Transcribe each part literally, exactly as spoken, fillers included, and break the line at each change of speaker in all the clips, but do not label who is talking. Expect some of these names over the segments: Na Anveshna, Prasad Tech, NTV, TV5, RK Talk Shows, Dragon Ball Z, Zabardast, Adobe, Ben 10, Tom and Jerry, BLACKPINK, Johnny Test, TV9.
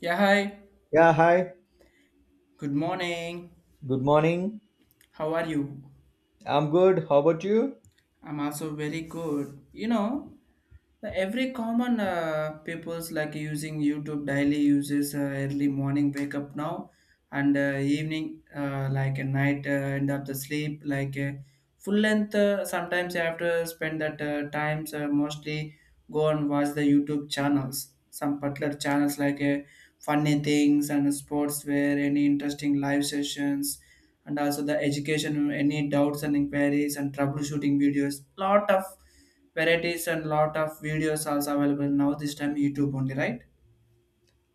Yeah, hi.
Yeah, hi.
Good morning.
Good morning.
How are you?
I'm good. How about you?
I'm also very good. You know, the every common uh, people's like using YouTube daily uses, uh, early morning wake up now and uh, evening, uh, like a night, uh, end up the sleep like, uh, full length. Uh, sometimes I have to spend that, uh, times, uh, mostly go and watch the YouTube channels, some particular channels like uh, funny things and sports, where any interesting live sessions and also the education, any doubts and inquiries and troubleshooting videos, lot of varieties and lot of videos also available now this time YouTube only, right?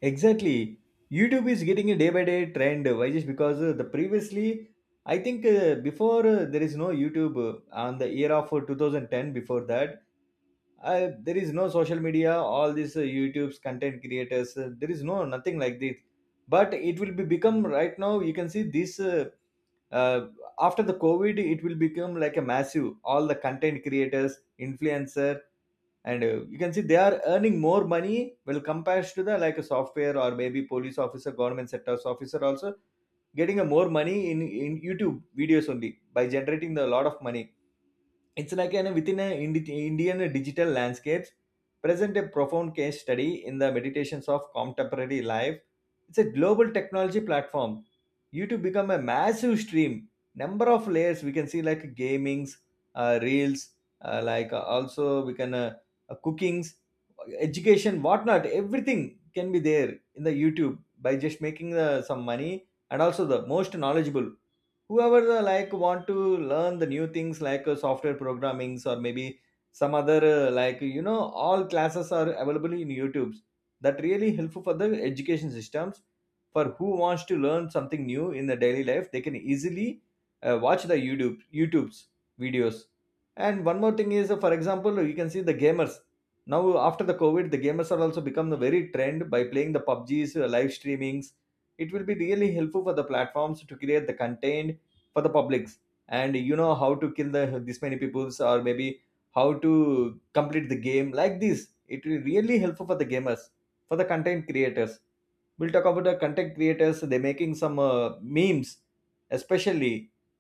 Exactly. YouTube is getting a day by day trend. Why? Just because uh, the previously, I think uh, before uh, there is no YouTube uh, on the year of uh, twenty ten. Before that, uh, there is no social media. All these uh, YouTube's content creators, uh, there is no nothing like this. But it will be become right now. You can see this uh, uh, after the COVID, it will become like a massive. All the content creators, influencer, and uh, you can see they are earning more money well compared to the like a software or maybe police officer, government sectors officer also getting a more money in in youtube videos only by generating the lot of money. It's like an within an Indi- Indian digital landscapes, present a profound case study in the meditations of contemporary life. It's a global technology platform. YouTube become a massive stream. Number of layers we can see like gamings, uh, reels, uh, like uh, also we can uh, uh, cookings, education, whatnot. Everything can be there in the YouTube by just making uh, some money, and also the most knowledgeable whoever the, like, want to learn the new things like uh, software programmings or maybe some other uh, like you know all classes are available in youtube. That really helpful for the education systems, for who wants to learn something new in the daily life they can easily uh, watch the youtube youtube's videos. And one more thing is, uh, for example, you can see the gamers now after the covid the gamers are also become the very trend by playing the pubgs, uh, live streamings. It will be really helpful for the platforms to create the content for the publics. And you know how to kill the this many peoples, or maybe how to complete the game like this. It will really helpful for the gamers, for the content creators. We'll talk about the content creators. They're making some uh, memes especially.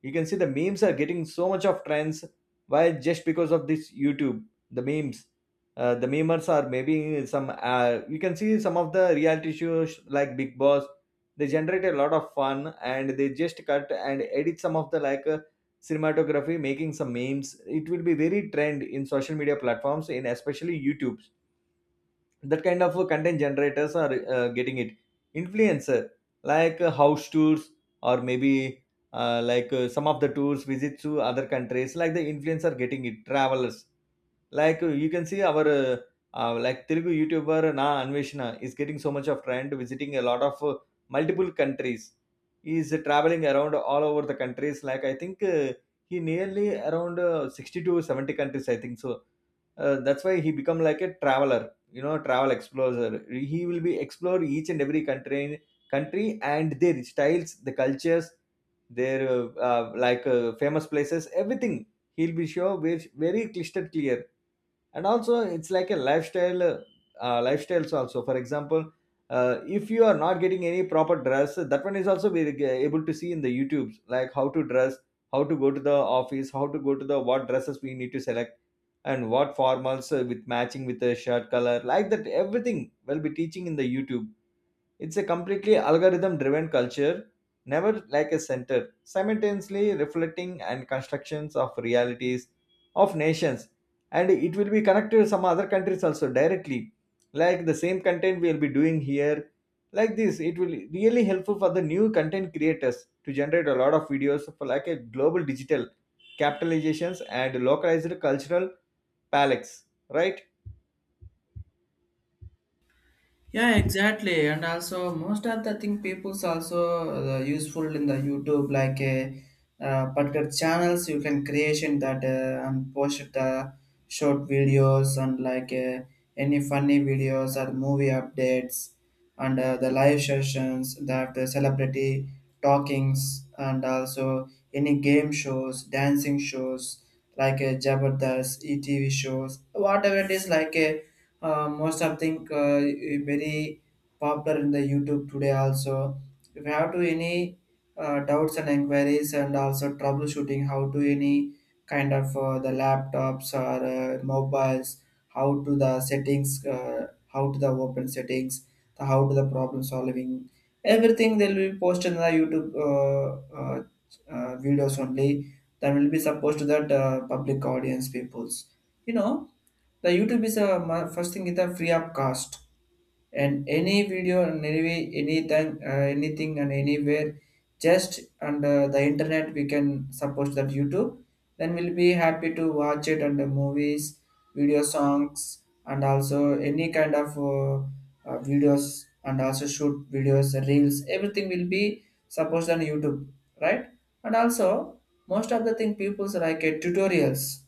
You can see the memes are getting so much of trends. Why? Just because of this youtube. The memes, uh, the memers are maybe some uh, you can see some of the reality shows like big boss, they generate a lot of fun and they just cut and edit some of the like uh, cinematography, making some memes. It will be very trend in social media platforms, in especially youtube. That kind of uh, content generators are uh, getting it. Influencer, like uh, house tours, or maybe uh, like uh, some of the tours, visits to other countries, like the influencer getting it travelers. Like, uh, you can see our uh, uh, like Telugu YouTuber Na Anveshna is getting so much of trend, visiting a lot of uh, multiple countries. He is traveling around all over the countries. Like, I think uh, he nearly around uh, sixty to seventy countries, I think so. Uh, that's why he become like a traveler, you know, travel explorer. He will be explore each and every country, country and their styles, the cultures, their uh, uh, like uh, famous places, everything he'll be sure very, very clisted clear. And also it's like a lifestyle, uh, uh, lifestyles also. For example, uh, if you are not getting any proper dress, that one is also we are able to see in the youtubes, like how to dress, how to go to the office, how to go to the, what dresses we need to select, and what formals uh, with matching with the shirt color, like that, everything will be teaching in the youtube. It's a completely algorithm driven culture, never like a center, simultaneously reflecting and constructions of realities of nations. And it will be connected to some other countries also directly. Like the same content we'll be doing here. Like this, it will really helpful for the new content creators to generate a lot of videos for like a global digital capitalizations and localized cultural palettes, right?
Yeah, exactly. And also, most of the thing people's also uh, useful in the YouTube, like uh, uh, particular channels you can creation that, uh, and post the short videos and like uh, any funny videos or movie updates and uh, the live sessions that the celebrity talkings and also any game shows, dancing shows like uh, Jabardast, E T V shows, whatever it is like. Uh, uh, most of think, uh, very popular in the YouTube today also. If you have to any uh, doubts and inquiries and also troubleshooting, how to any kind of uh, the laptops or uh, mobiles, how to the settings, uh, how to the open settings, the how to the problem solving, everything they will be posted in the YouTube uh, uh, uh, videos only, that will be supposed to that uh, public audience peoples. You know, the YouTube is a ma- first thing is a free of cost, and any video and any way, anything, uh, anything and anywhere, just under the internet we can support that YouTube. Then we'll be happy to watch it under movies, video songs, and also any kind of uh, uh, videos, and also shoot videos, reels. Everything will be supposed on YouTube, right? And also most of the thing people's like uh, tutorials.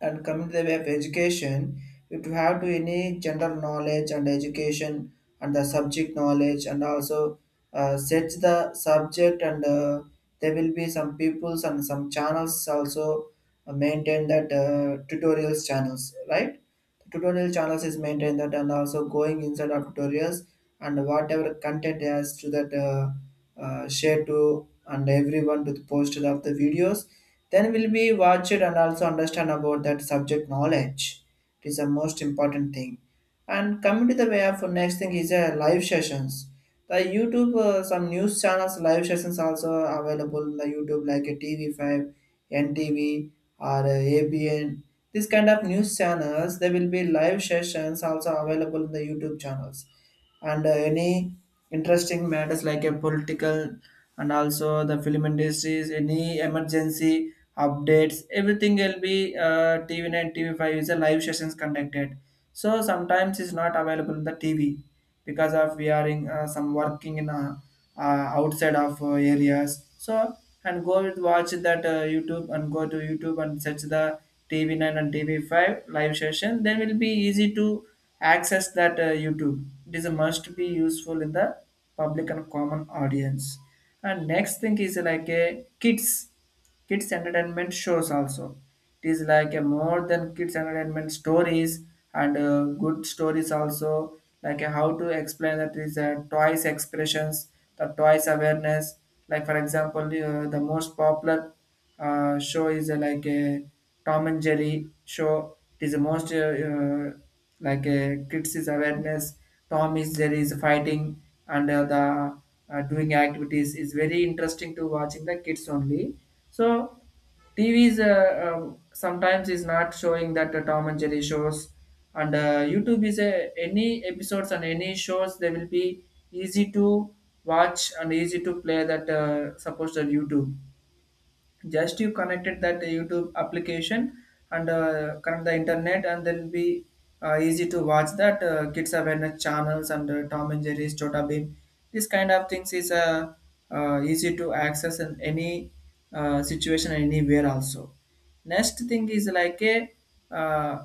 And coming to the way of education, if you have to any general knowledge and education and the subject knowledge and also uh, search the subject, and uh, there will be some peoples and some channels also uh, maintain that, uh, tutorials channels, right? Tutorial channels is maintained that, and also going inside of tutorials, and whatever content has to that, uh, uh, share to and everyone to the post of the videos, then will be watched and also understand about that subject knowledge. It is the most important thing. And coming to the way of next thing is a live sessions. The YouTube, uh, some news channels live sessions also available in the YouTube like a T V five, N T V or uh, A B N. This kind of news channels, there will be live sessions also available in the YouTube channels, and uh, any interesting matters like a political and also the film industries, any emergency updates, everything will be, uh, t v nine t v five is a live sessions conducted. So sometimes it's not available in the TV, because of we are in uh, some working in uh, uh, outside of uh, areas. So and go with watch that, uh, YouTube, and go to YouTube and search the t v nine and t v five live session, then will be easy to access that, uh, YouTube. It is a must be useful in the public and common audience. And next thing is like a kids, kids entertainment shows also. It is like a more than kids entertainment stories and uh, good stories also, like a how to explain that is a twice expressions, the twice awareness. Like for example, uh, the most popular uh, show is uh, like a Tom and Jerry show. It is the most uh, uh, like uh, kids is awareness. Tom is there is fighting, and uh, the uh, doing activities is very interesting to watching the kids only. So TVs uh, uh, um, sometimes is not showing that uh, Tom and Jerry shows, and uh, YouTube is a, any episodes and any shows they will be easy to watch and easy to play that, uh, supposed to YouTube. Just you connected that YouTube application and uh, connect the internet, and then be uh, easy to watch that, uh, kids awareness channels and uh, Tom and Jerry's Chota Beam. This kind of things is uh, uh, easy to access in any uh, situation anywhere also. Next thing is like a uh,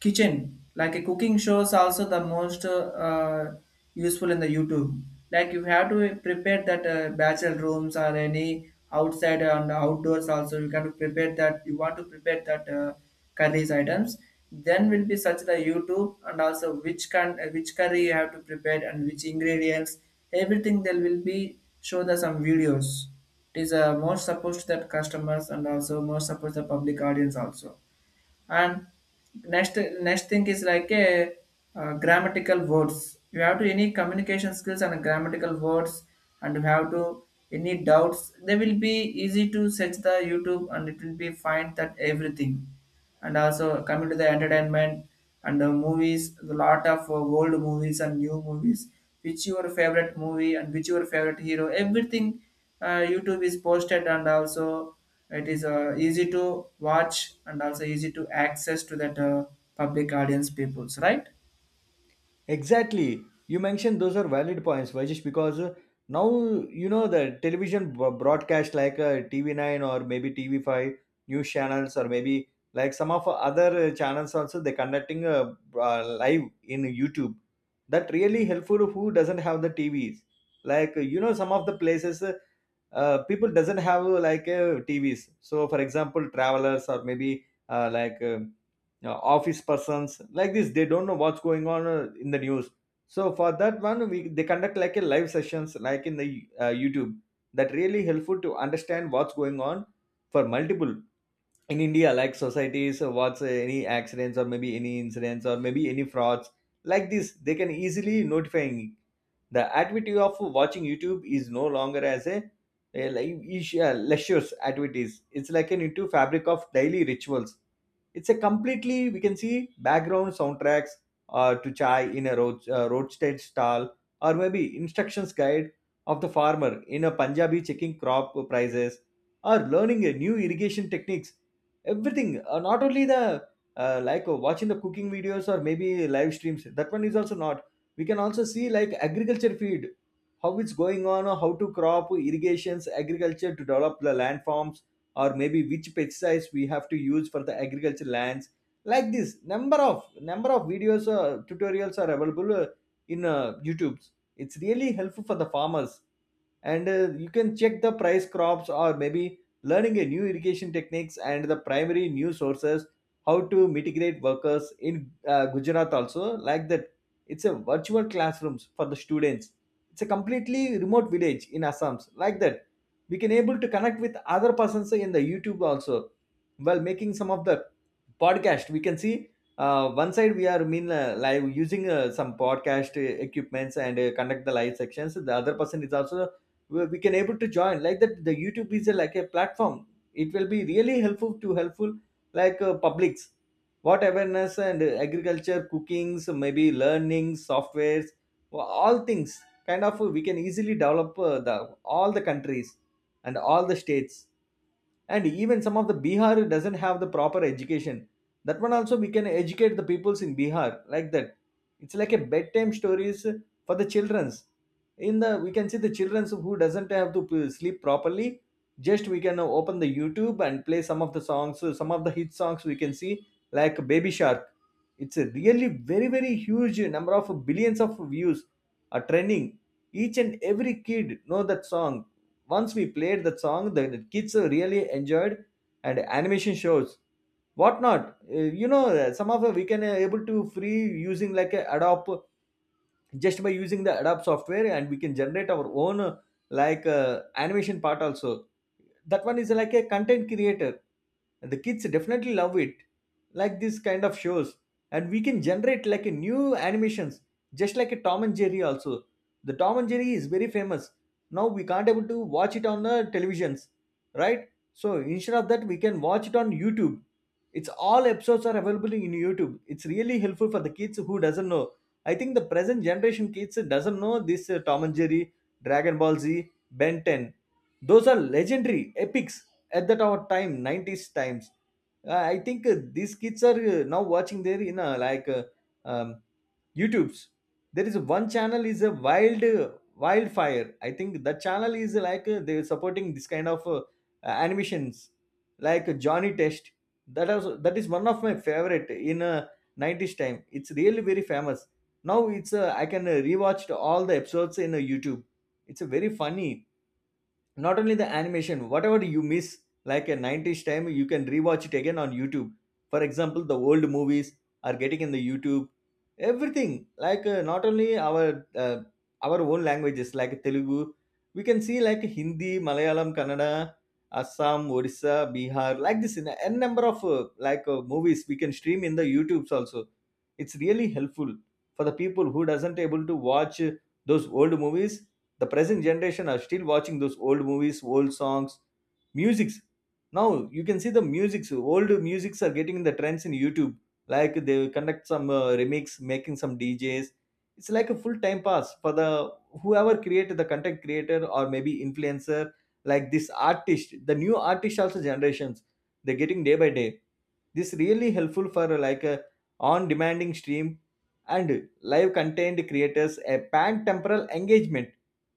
kitchen, like a cooking show is also the most uh, uh, useful in the YouTube. Like you have to prepare that, uh, bachelor rooms or any outside and outdoors also. You can prepare that, you want to prepare that, uh, curries items, then will be such the YouTube, and also which can, uh, which curry you have to prepare and which ingredients, everything there will be show the some videos. It is uh, more supposed to that customers and also more supposed the public audience also. And next next thing is like a uh, grammatical words. You have to any communication skills and grammatical words, and you have to any doubts, they will be easy to search the YouTube, and it will be find that everything. And also coming to the entertainment and the movies, a lot of uh, old movies and new movies, which your favorite movie and which your favorite hero, everything, uh, YouTube is posted, and also it is uh, easy to watch and also easy to access to that, uh, public audience peoples, right?
Exactly. You mentioned those are valid points, Vajish, because uh, now you know the television b- broadcast like uh, T V nine or maybe T V five news channels, or maybe like some of other uh, channels also, they conducting a uh, live in YouTube. That really helpful who doesn't have the T Vs. Like uh, you know some of the places uh, uh, people doesn't have uh, like uh, T Vs. So for example, travelers, or maybe uh, like uh, uh, office persons like this, they don't know what's going on uh, in the news. So for that one we, they conduct like a live sessions like in the uh, youtube. That really helpful to understand what's going on, for multiple in india, like societies, uh, what's uh, any accidents, or maybe any incidents, or maybe any frauds, like this, they can easily notifying. The activity of watching youtube is no longer as a uh, like, is- uh, leisure activities. It's like an into fabric of daily rituals. It's a completely, we can see, background soundtracks uh, to chai in a road uh, roadside stall, or maybe instructions guide of the farmer in a Punjabi, checking crop prices, or learning a new irrigation techniques. Everything, uh, not only the uh, like uh, watching the cooking videos or maybe live streams. That one is also not. We can also see like agriculture feed how it's going on, or how to crop irrigations, agriculture to develop the landforms, or maybe which pesticides we have to use for the agriculture lands. Like this, number of number of videos, uh, tutorials, are available uh, in uh, youtube. It's really helpful for the farmers. And uh, you can check the price crops, or maybe learning a new irrigation techniques and the primary new sources, how to mitigate workers in uh, gujarat also, like that. It's a virtual classrooms for the students. It's a completely remote village in assams, like that, we can able to connect with other persons in the youtube also. While making some of the podcast, we can see uh, one side we are mean uh, live using uh, some podcast uh, equipments and uh, conduct the live sections, the other person is also we we can able to join. Like that the youtube is a, like a platform. It will be really helpful to helpful, like uh, publics, what awareness and uh, agriculture, cookings, maybe learning softwares, wha- all things kind of uh, we can easily develop uh, the all the countries and all the states. And even some of the bihar doesn't have the proper education, that one also we can educate the peoples in bihar, like that. It's like a bedtime stories for the children's. In the, we can see the children's who doesn't have to p- sleep properly, just we can open the youtube and play some of the songs, some of the hit songs we can see like baby shark. It's a really very very huge number of billions of views are trending. Each and every kid know that song. Once we played that song, the, the kids really enjoyed. And animation shows, whatnot. Uh, You know, uh, some of uh, we can uh, able to free using like a Adobe, just by using the adobe software, and we can generate our own uh, like uh, animation part also. That one is like a content creator. The kids definitely love it, like this kind of shows. And we can generate like a new animations, just like a tom and jerry also. The tom and jerry is very famous, now we can't able to watch it on the televisions, right? So instead of that, we can watch it on youtube. It's all episodes are available in youtube. It's really helpful for the kids who doesn't know. I think the present generation kids doesn't know this uh, Tom and Jerry, Dragon Ball Z, Ben ten. Those are legendary epics at that our time, nineties times. Uh, I think uh, these kids are uh, now watching their in uh, like uh, um, YouTube's. There is one channel is a wild uh, wildfire. I think the channel is uh, like uh, they're supporting this kind of uh, animations like Johnny Test. That is that is one of my favorite in uh, nineties time. It's really very famous. Now it's a, i can uh, rewatch all the episodes in uh, YouTube. It's a very funny. Not only the animation, whatever you miss like a nineties time you can rewatch it again on YouTube. For example, the old movies are getting in the YouTube. Everything like uh, not only our uh, our own languages like Telugu, we can see like Hindi, Malayalam, Kannada, Assam, Odisha, Bihar, like this in a n number of uh, like uh, movies we can stream in the YouTubes also. It's really helpful for the people who doesn't able to watch uh, those old movies. The present generation are still watching those old movies, old songs, musics now. You can see the musics, old musics are getting in the trends in YouTube. Like they conduct some uh, remix making some D Js. It's like a full time pass for the whoever created, the content creator or maybe influencer, like this artist, the new artist also generations, they're getting day by day. This really helpful for like a on demanding stream and live content creators, a pan temporal engagement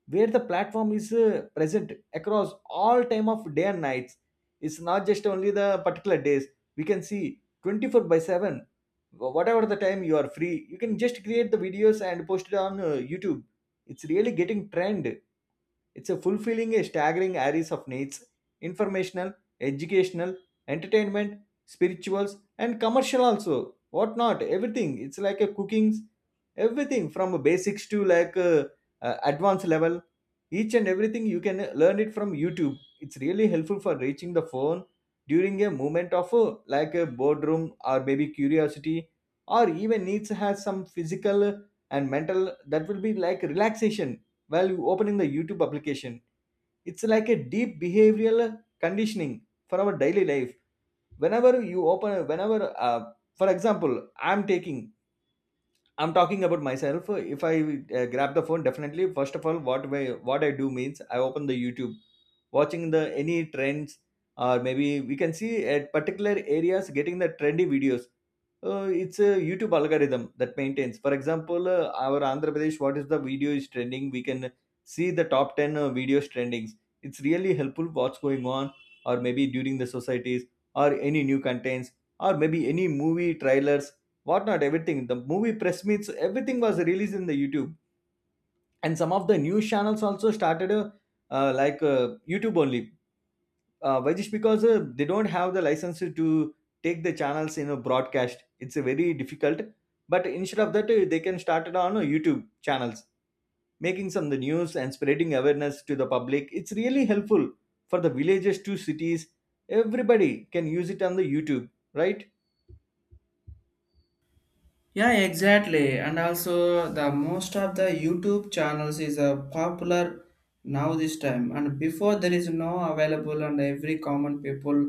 where the platform is uh, present across all time of day and nights. It's not just only the particular days. We can see twenty four by seven. Wh- whatever the time you are free, you can just create the videos and post it on uh, YouTube. It's really getting trend. It's a fulfilling a staggering arrays of needs, informational, educational, entertainment, spirituals, and commercial also. What not? Everything. It's like a cooking's everything from basics to like uh, uh, advanced level. Each and everything you can learn it from YouTube. It's really helpful for reaching the phone during a moment of uh, like a boredom or maybe curiosity or even needs has some physical and mental that will be like relaxation while you opening the YouTube application. It's like a deep behavioral conditioning for our daily life. Whenever you open, whenever, uh, for example, I'm taking I'm talking about myself. If I uh, grab the phone, definitely first of all, what way, what I do means I open the YouTube, watching the any trends, or maybe we can see at particular areas getting the trendy videos. Uh, it's a YouTube algorithm that maintains. For example, uh, our Andhra Pradesh, what is the video is trending? We can see the top ten uh, videos trendings. It's really helpful what's going on, or maybe during the societies, or any new contents, or maybe any movie trailers whatnot, everything. The movie press meets, everything was released in the YouTube, and some of the news channels also started uh, uh, like uh, YouTube only. Uh, why just because uh, they don't have the license to take the channels in a broadcast. It's uh, very difficult. But instead of that, uh, they can start it on uh, YouTube channels, making some of the news and spreading awareness to the public. It's really helpful for the villages to cities. Everybody can use it on the YouTube, right?
Yeah, exactly. And also the most of the YouTube channels is uh, popular now this time, and before there is no available, and every common people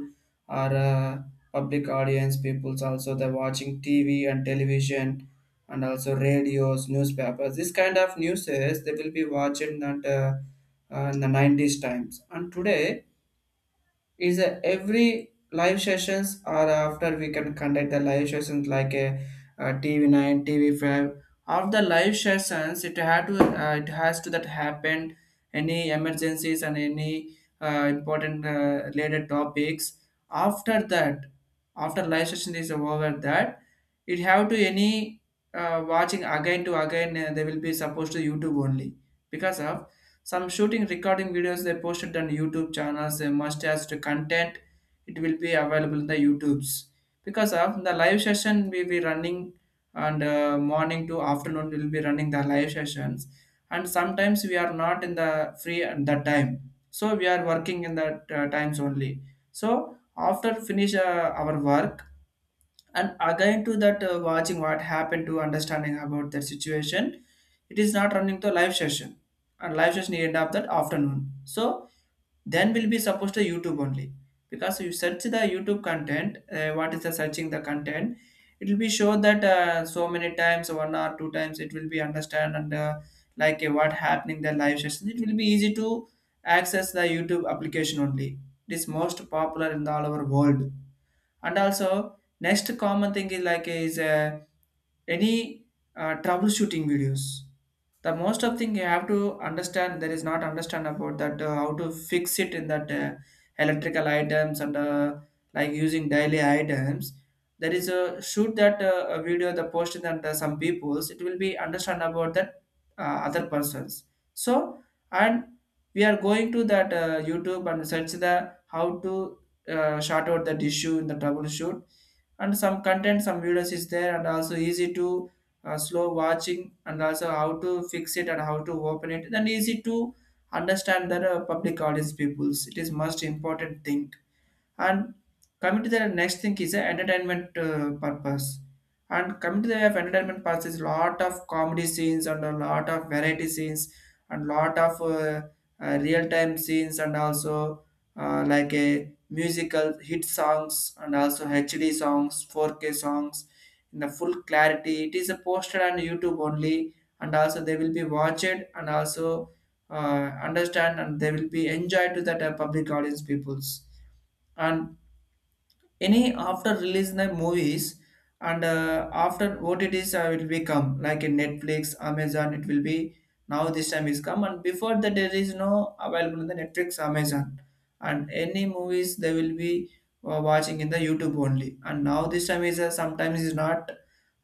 are, uh, public audience peoples also, they're watching TV and television and also radios, newspapers. This kind of news is they will be watching that, uh, uh, in the nineties times. And today is, uh, every live sessions, or after we can conduct the live sessions like a, uh, T V nine, T V five. Of the live sessions, it had to, uh, it has to that happen any emergencies and any uh, important uh, related topics. After that, after live session is over, that it have to any uh, watching again to again. Uh, they will be supposed to YouTube only, because of some shooting recording videos they posted on YouTube channels, they must has to content. It will be available in the YouTubes. Because of the live session we will be running, and uh, morning to afternoon we'll be running the live sessions. And sometimes we are not in the free at that time, so we are working in the uh, times only. So after finish uh, our work, and again to that, uh, watching what happened to understanding about that situation. It is not running to a live session, and live session end of that afternoon. So then will be supposed to YouTube only. Because you search the YouTube content, uh, what is the searching the content, it will be show that, uh, so many times one or two times it will be understand, and uh, like uh, what happening the live session, it will be easy to access the YouTube application only. It is most popular in the all over world. And also next common thing is like is uh, any uh, troubleshooting videos. The most of thing you have to understand, there is not understand about that, uh, how to fix it in that, uh, electrical items and uh, like using daily items. There is a shoot that, uh, a video the post that, uh, some peoples it will be understand about that, uh, other persons. So and we are going to that, uh, YouTube, and search the how to uh, short out that issue in the troubleshoot, and some content, some videos is there, and also easy to uh, slow watching, and also how to fix it and how to open it, then easy to understand that, uh, public audience peoples. It is most important thing. And coming to the next thing is the entertainment uh, purpose. And coming to the way of entertainment purpose is lot of comedy scenes and a lot of variety scenes and lot of uh, uh, real time scenes, and also uh, like a musical hit songs and also H D songs, four K songs in the full clarity. It is uh, posted on YouTube only, and also they will be watched, and also uh, understand and they will be enjoyed to that, uh, public audience peoples. And any after release the movies, and uh, after O T Ts uh, will become like in Netflix, Amazon. It will be now this time is come, and before that there is no available in the Netflix, Amazon, and any movies they will be uh, watching in the YouTube only. And now this time is uh, sometimes is not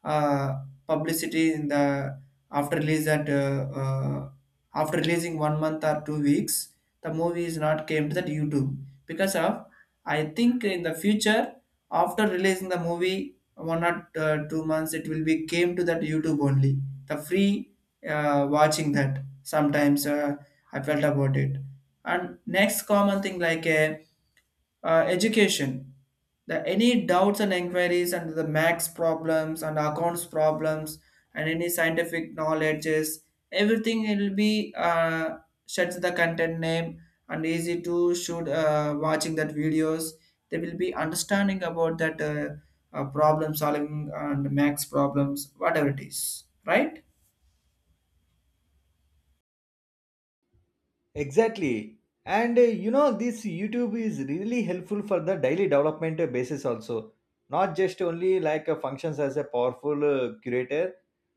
uh, publicity in the after release that uh, uh, after releasing one month or two weeks, the movie is not came to that YouTube. Because of, I think in the future, after releasing the movie one or uh, two months, it will be came to that YouTube only. The free uh, watching that sometimes, uh, I felt about it. And next common thing like a uh, education, the any doubts and inquiries and the max problems and accounts problems and any scientific knowledges, everything will be uh, sets the content name, and easy to shoot uh, watching that videos, they will be understanding about that uh, uh, problem solving and max problems, whatever it is, right?
Exactly. And uh, you know, this YouTube is really helpful for the daily development uh, basis also. Not just only like uh, functions as a powerful uh, curator.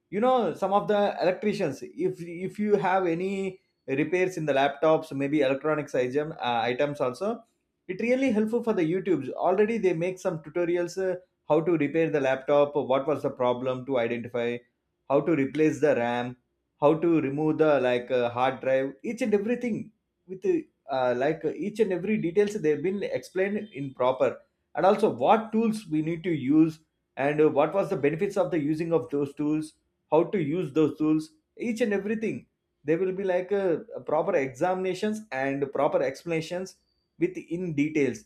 You know, some of the electricians, if if you have any repairs in the laptops, maybe electronics item, uh, items also, it really helpful for the YouTubes. Already they make some tutorials uh, how to repair the laptop, what was the problem to identify, how to replace the RAM, how to remove the like uh, hard drive, each and everything with uh, like uh, each and every details they've been explained in proper, and also what tools we need to use and uh, what was the benefits of the using of those tools, how to use those tools, each and everything. There will be like a, a proper examinations and proper explanations with in details.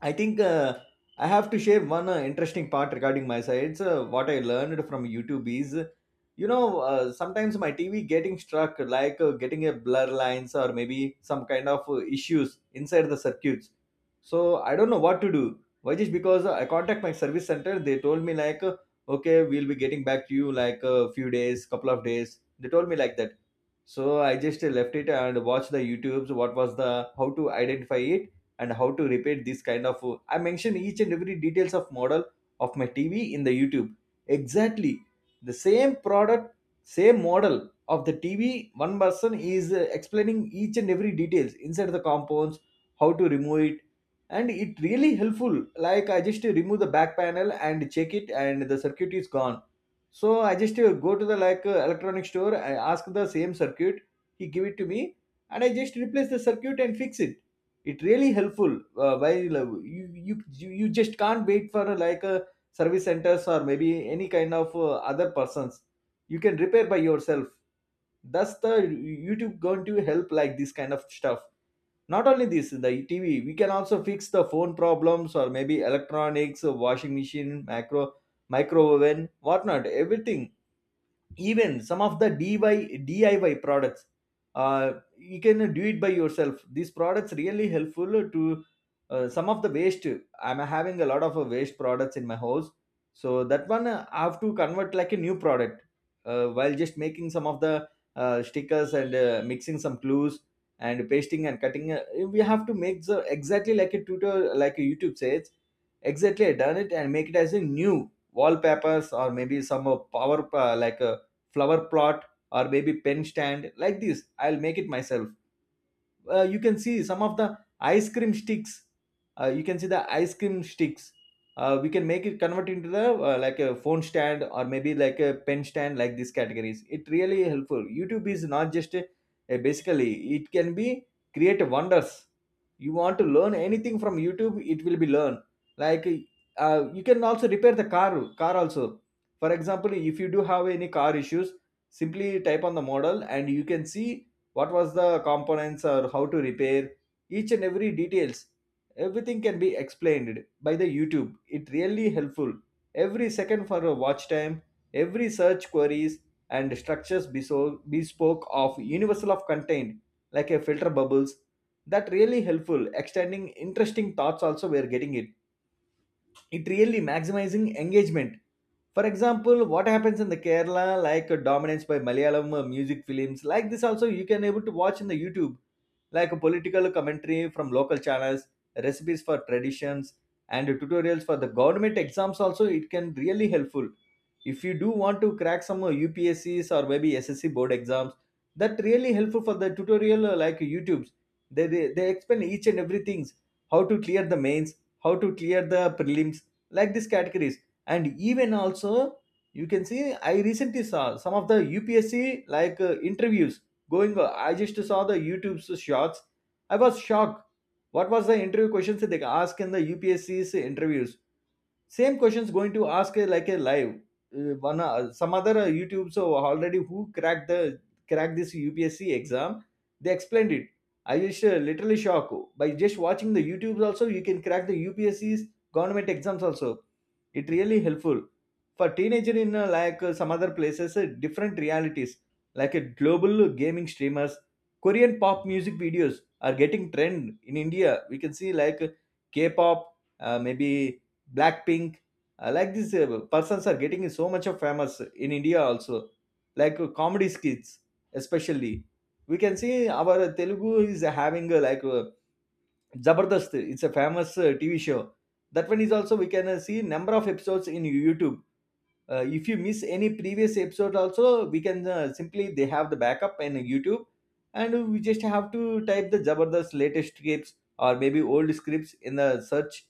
I think uh, I have to share one uh, interesting part regarding my sides. Uh, what I learned from YouTube is, you know, uh, sometimes my T V getting struck, like uh, getting a blur lines or maybe some kind of uh, issues inside the circuits. So I don't know what to do. Why just because I contact my service center, they told me like, uh, okay, we'll be getting back to you like a few days, couple of days. They told me like that. So I just uh, left it and watched the YouTube's, what was the how to identify it and how to repair this kind of. I mentioned each and every details of model of my T V in the YouTube, exactly the same product, same model of the T V. One person is uh, explaining each and every details inside the compounds, how to remove it, and it really helpful. Like I just uh, remove the back panel and check it, and the circuit is gone. So I just uh, go to the like uh, electronic store, I ask the same circuit, he give it to me, and I just replace the circuit and fix it. It really helpful uh, while uh, you, you you you just can't wait for uh, like uh, service centers or maybe any kind of uh, other persons. You can repair by yourself. Thus the YouTube going to help like this kind of stuff. Not only this the T V, we can also fix the phone problems or maybe electronics uh, washing machine, macro microwave oven, whatnot everything. Even some of the D I Y, diy products uh, you can do it by yourself. These products really helpful to uh, some of the waste. I'm having a lot of uh, waste products in my house. So that one uh, I have to convert like a new product uh, while just making some of the uh, stickers and uh, mixing some clues and pasting and cutting, uh, we have to make the exactly like a tutor, like a YouTube says. Exactly, I done it and make it as a new wallpapers or maybe some uh, power uh, like a flower plot or maybe pen stand like this, I'll make it myself. Uh, you can see some of the ice cream sticks. Uh, you can see the ice cream sticks. Uh, we can make it convert into the uh, like a phone stand or maybe like a pen stand, like these categories. It really helpful, YouTube is not just a, a basically, it can be create wonders. You want to learn anything from YouTube, it will be learn. Like uh, you can also repair the car, car also. For example, if you do have any car issues, simply type on the model and you can see what was the components or how to repair, each and every details everything can be explained by the YouTube. It really helpful every second for a watch time, every search queries, and structures beso- bespoke of universal of content like a filter bubbles, that really helpful extending interesting thoughts also we are getting it. It really maximizing engagement. For example, what happens in the Kerala, like uh, dominance by Malayalam uh, music films, like this also you can able to watch in the YouTube, like a political commentary from local channels, recipes for traditions, and tutorials for the government exams, also it can really helpful. If you do want to crack some uh, U P S Cs or maybe S S C board exams, that really helpful for the tutorial uh, like YouTubes. They, they, they explain each and everything, how to clear the mains, how to clear the prelims, like these categories. And even also you can see, I recently saw some of the U P S C like uh, interviews going on. I just saw the YouTube shots. I was shocked. What was the interview questions that they ask in the U P S C's interviews? Same questions going to ask uh, like a live uh, one uh, some other uh, YouTube so already who cracked the cracked this U P S C exam, they explained it. I just uh, literally shocked by just watching the YouTubes also. You can crack the U P S C's government exams also, it really helpful for teenager in uh, like uh, some other places, uh, different realities like a global gaming streamers, Korean pop music videos are getting trend in India. We can see like uh, K-pop, uh, maybe Blackpink, uh, like these uh, persons are getting so much of famous in India also, like uh, comedy skits. Especially we can see our Telugu is having uh, like uh, Zabardast, it's a famous uh, T V show. That one is also we can uh, see number of episodes in YouTube. Uh, if you miss any previous episode also we can uh, simply, they have the backup in YouTube, and we just have to type the Jabardast latest scripts or maybe old scripts in the search.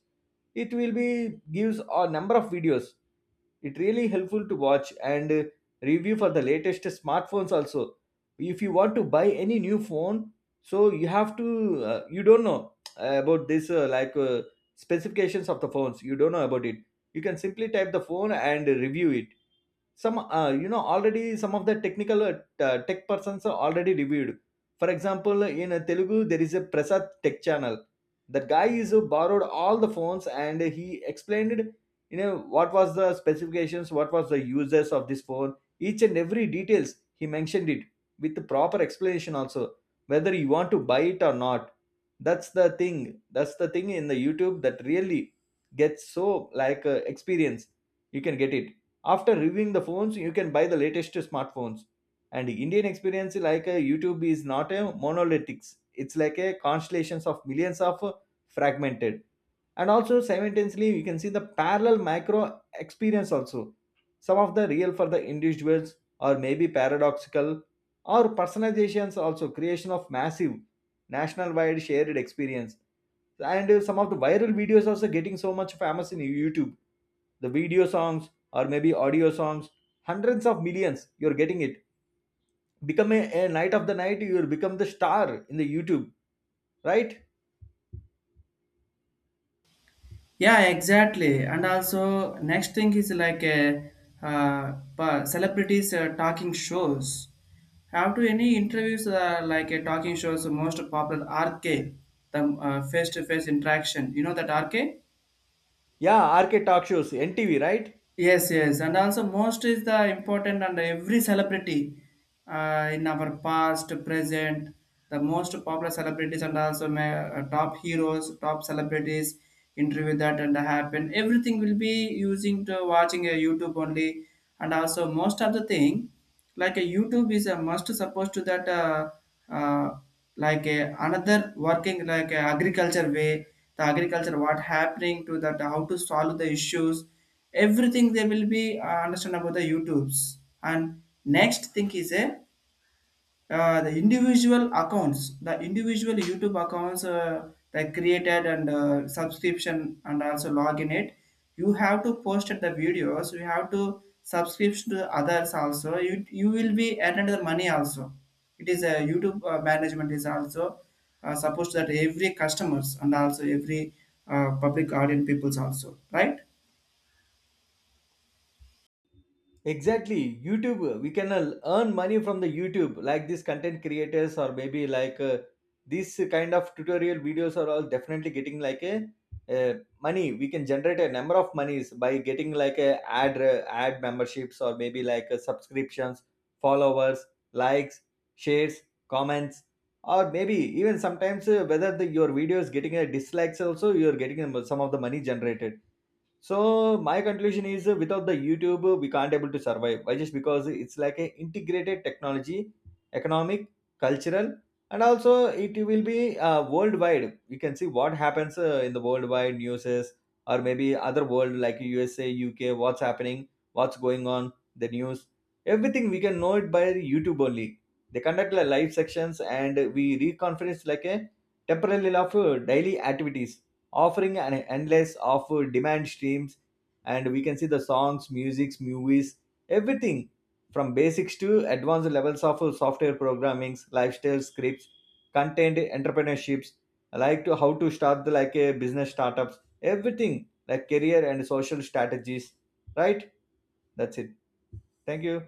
It will be gives a number of videos. It really helpful to watch and uh, review for the latest smartphones also. If you want to buy any new phone, so you have to uh, you don't know uh, about this, uh, like uh, specifications of the phones you don't know about it. You can simply type the phone and review it. Some uh, you know already some of the technical uh, t- tech persons are already reviewed. For example in uh, Telugu, there is a Prasad Tech channel. That guy is who borrowed all the phones and he explained, you know, what was the specifications, what was the uses of this phone, each and every details he mentioned it with the proper explanation also, whether you want to buy it or not. That's the thing. That's the thing in the YouTube that really gets so like uh, experience you can get it. After reviewing the phones, you can buy the latest smartphones. And Indian experience, like uh, YouTube is not a monolithic. It's like a constellations of millions of uh, fragmented. And also simultaneously, you can see the parallel micro experience also. Some of the real for the individuals or maybe paradoxical or personalizations also creation of massive national-wide shared experience. And uh, some of the viral videos also getting so much famous in YouTube, the video songs or maybe audio songs, hundreds of millions you're getting it. Become a, a night of the night, you'll become the star in the YouTube, right?
Yeah, exactly. And also next thing is like a uh, pa- celebrities uh, talking shows, have to any interviews uh, like a talking shows most popular RK, the uh, face-to-face interaction, you know, that RK.
Yeah, R K talk shows, N T V, right?
Yes, yes, and also most is the important, and every celebrity uh, in our past, present, the most popular celebrities, and also ma- uh, top heroes, top celebrities interview that and happen, everything will be using to watching a YouTube only. And also most of the thing, like a YouTube is a must supposed to that uh, uh, like a another working like a agriculture way. The agriculture what happening to that, how to solve the issues, everything they will be uh, understand about the YouTubes. And next thing is a uh, the individual accounts, the individual YouTube accounts uh, that created and uh, subscription and also login it. You have to post the videos, you have to subscribe to others also, you you will be earned the money also. It is a YouTube uh, management is also uh, supposed that every customers and also every uh, public audience peoples also, right?
Exactly, YouTube. We can uh, earn money from the YouTube, like these content creators, or maybe like uh, these kind of tutorial videos are all definitely getting like a uh, money. We can generate a number of monies by getting like a ad uh, ad memberships, or maybe like uh, subscriptions, followers, likes, shares, comments, or maybe even sometimes uh, whether the, your video is getting a dislikes also, you are getting some of the money generated. So my conclusion is uh, without the YouTube, uh, we can't able to survive. Why? Just because it's like a integrated technology, economic, cultural, and also it will be uh, worldwide. We can see what happens uh, in the worldwide newses or maybe other world like U S A, U K, what's happening, what's going on, the news. Everything we can know it by YouTube only. They conduct like live sections and we reconference like a temporary of uh, daily activities offering an endless of uh, demand streams. And we can see the songs, musics, movies, everything from basics to advanced levels of uh, software programming, lifestyle scripts, content entrepreneurships, like to how to start the, like a business startups, everything like career and social strategies, right. That's it. Thank you.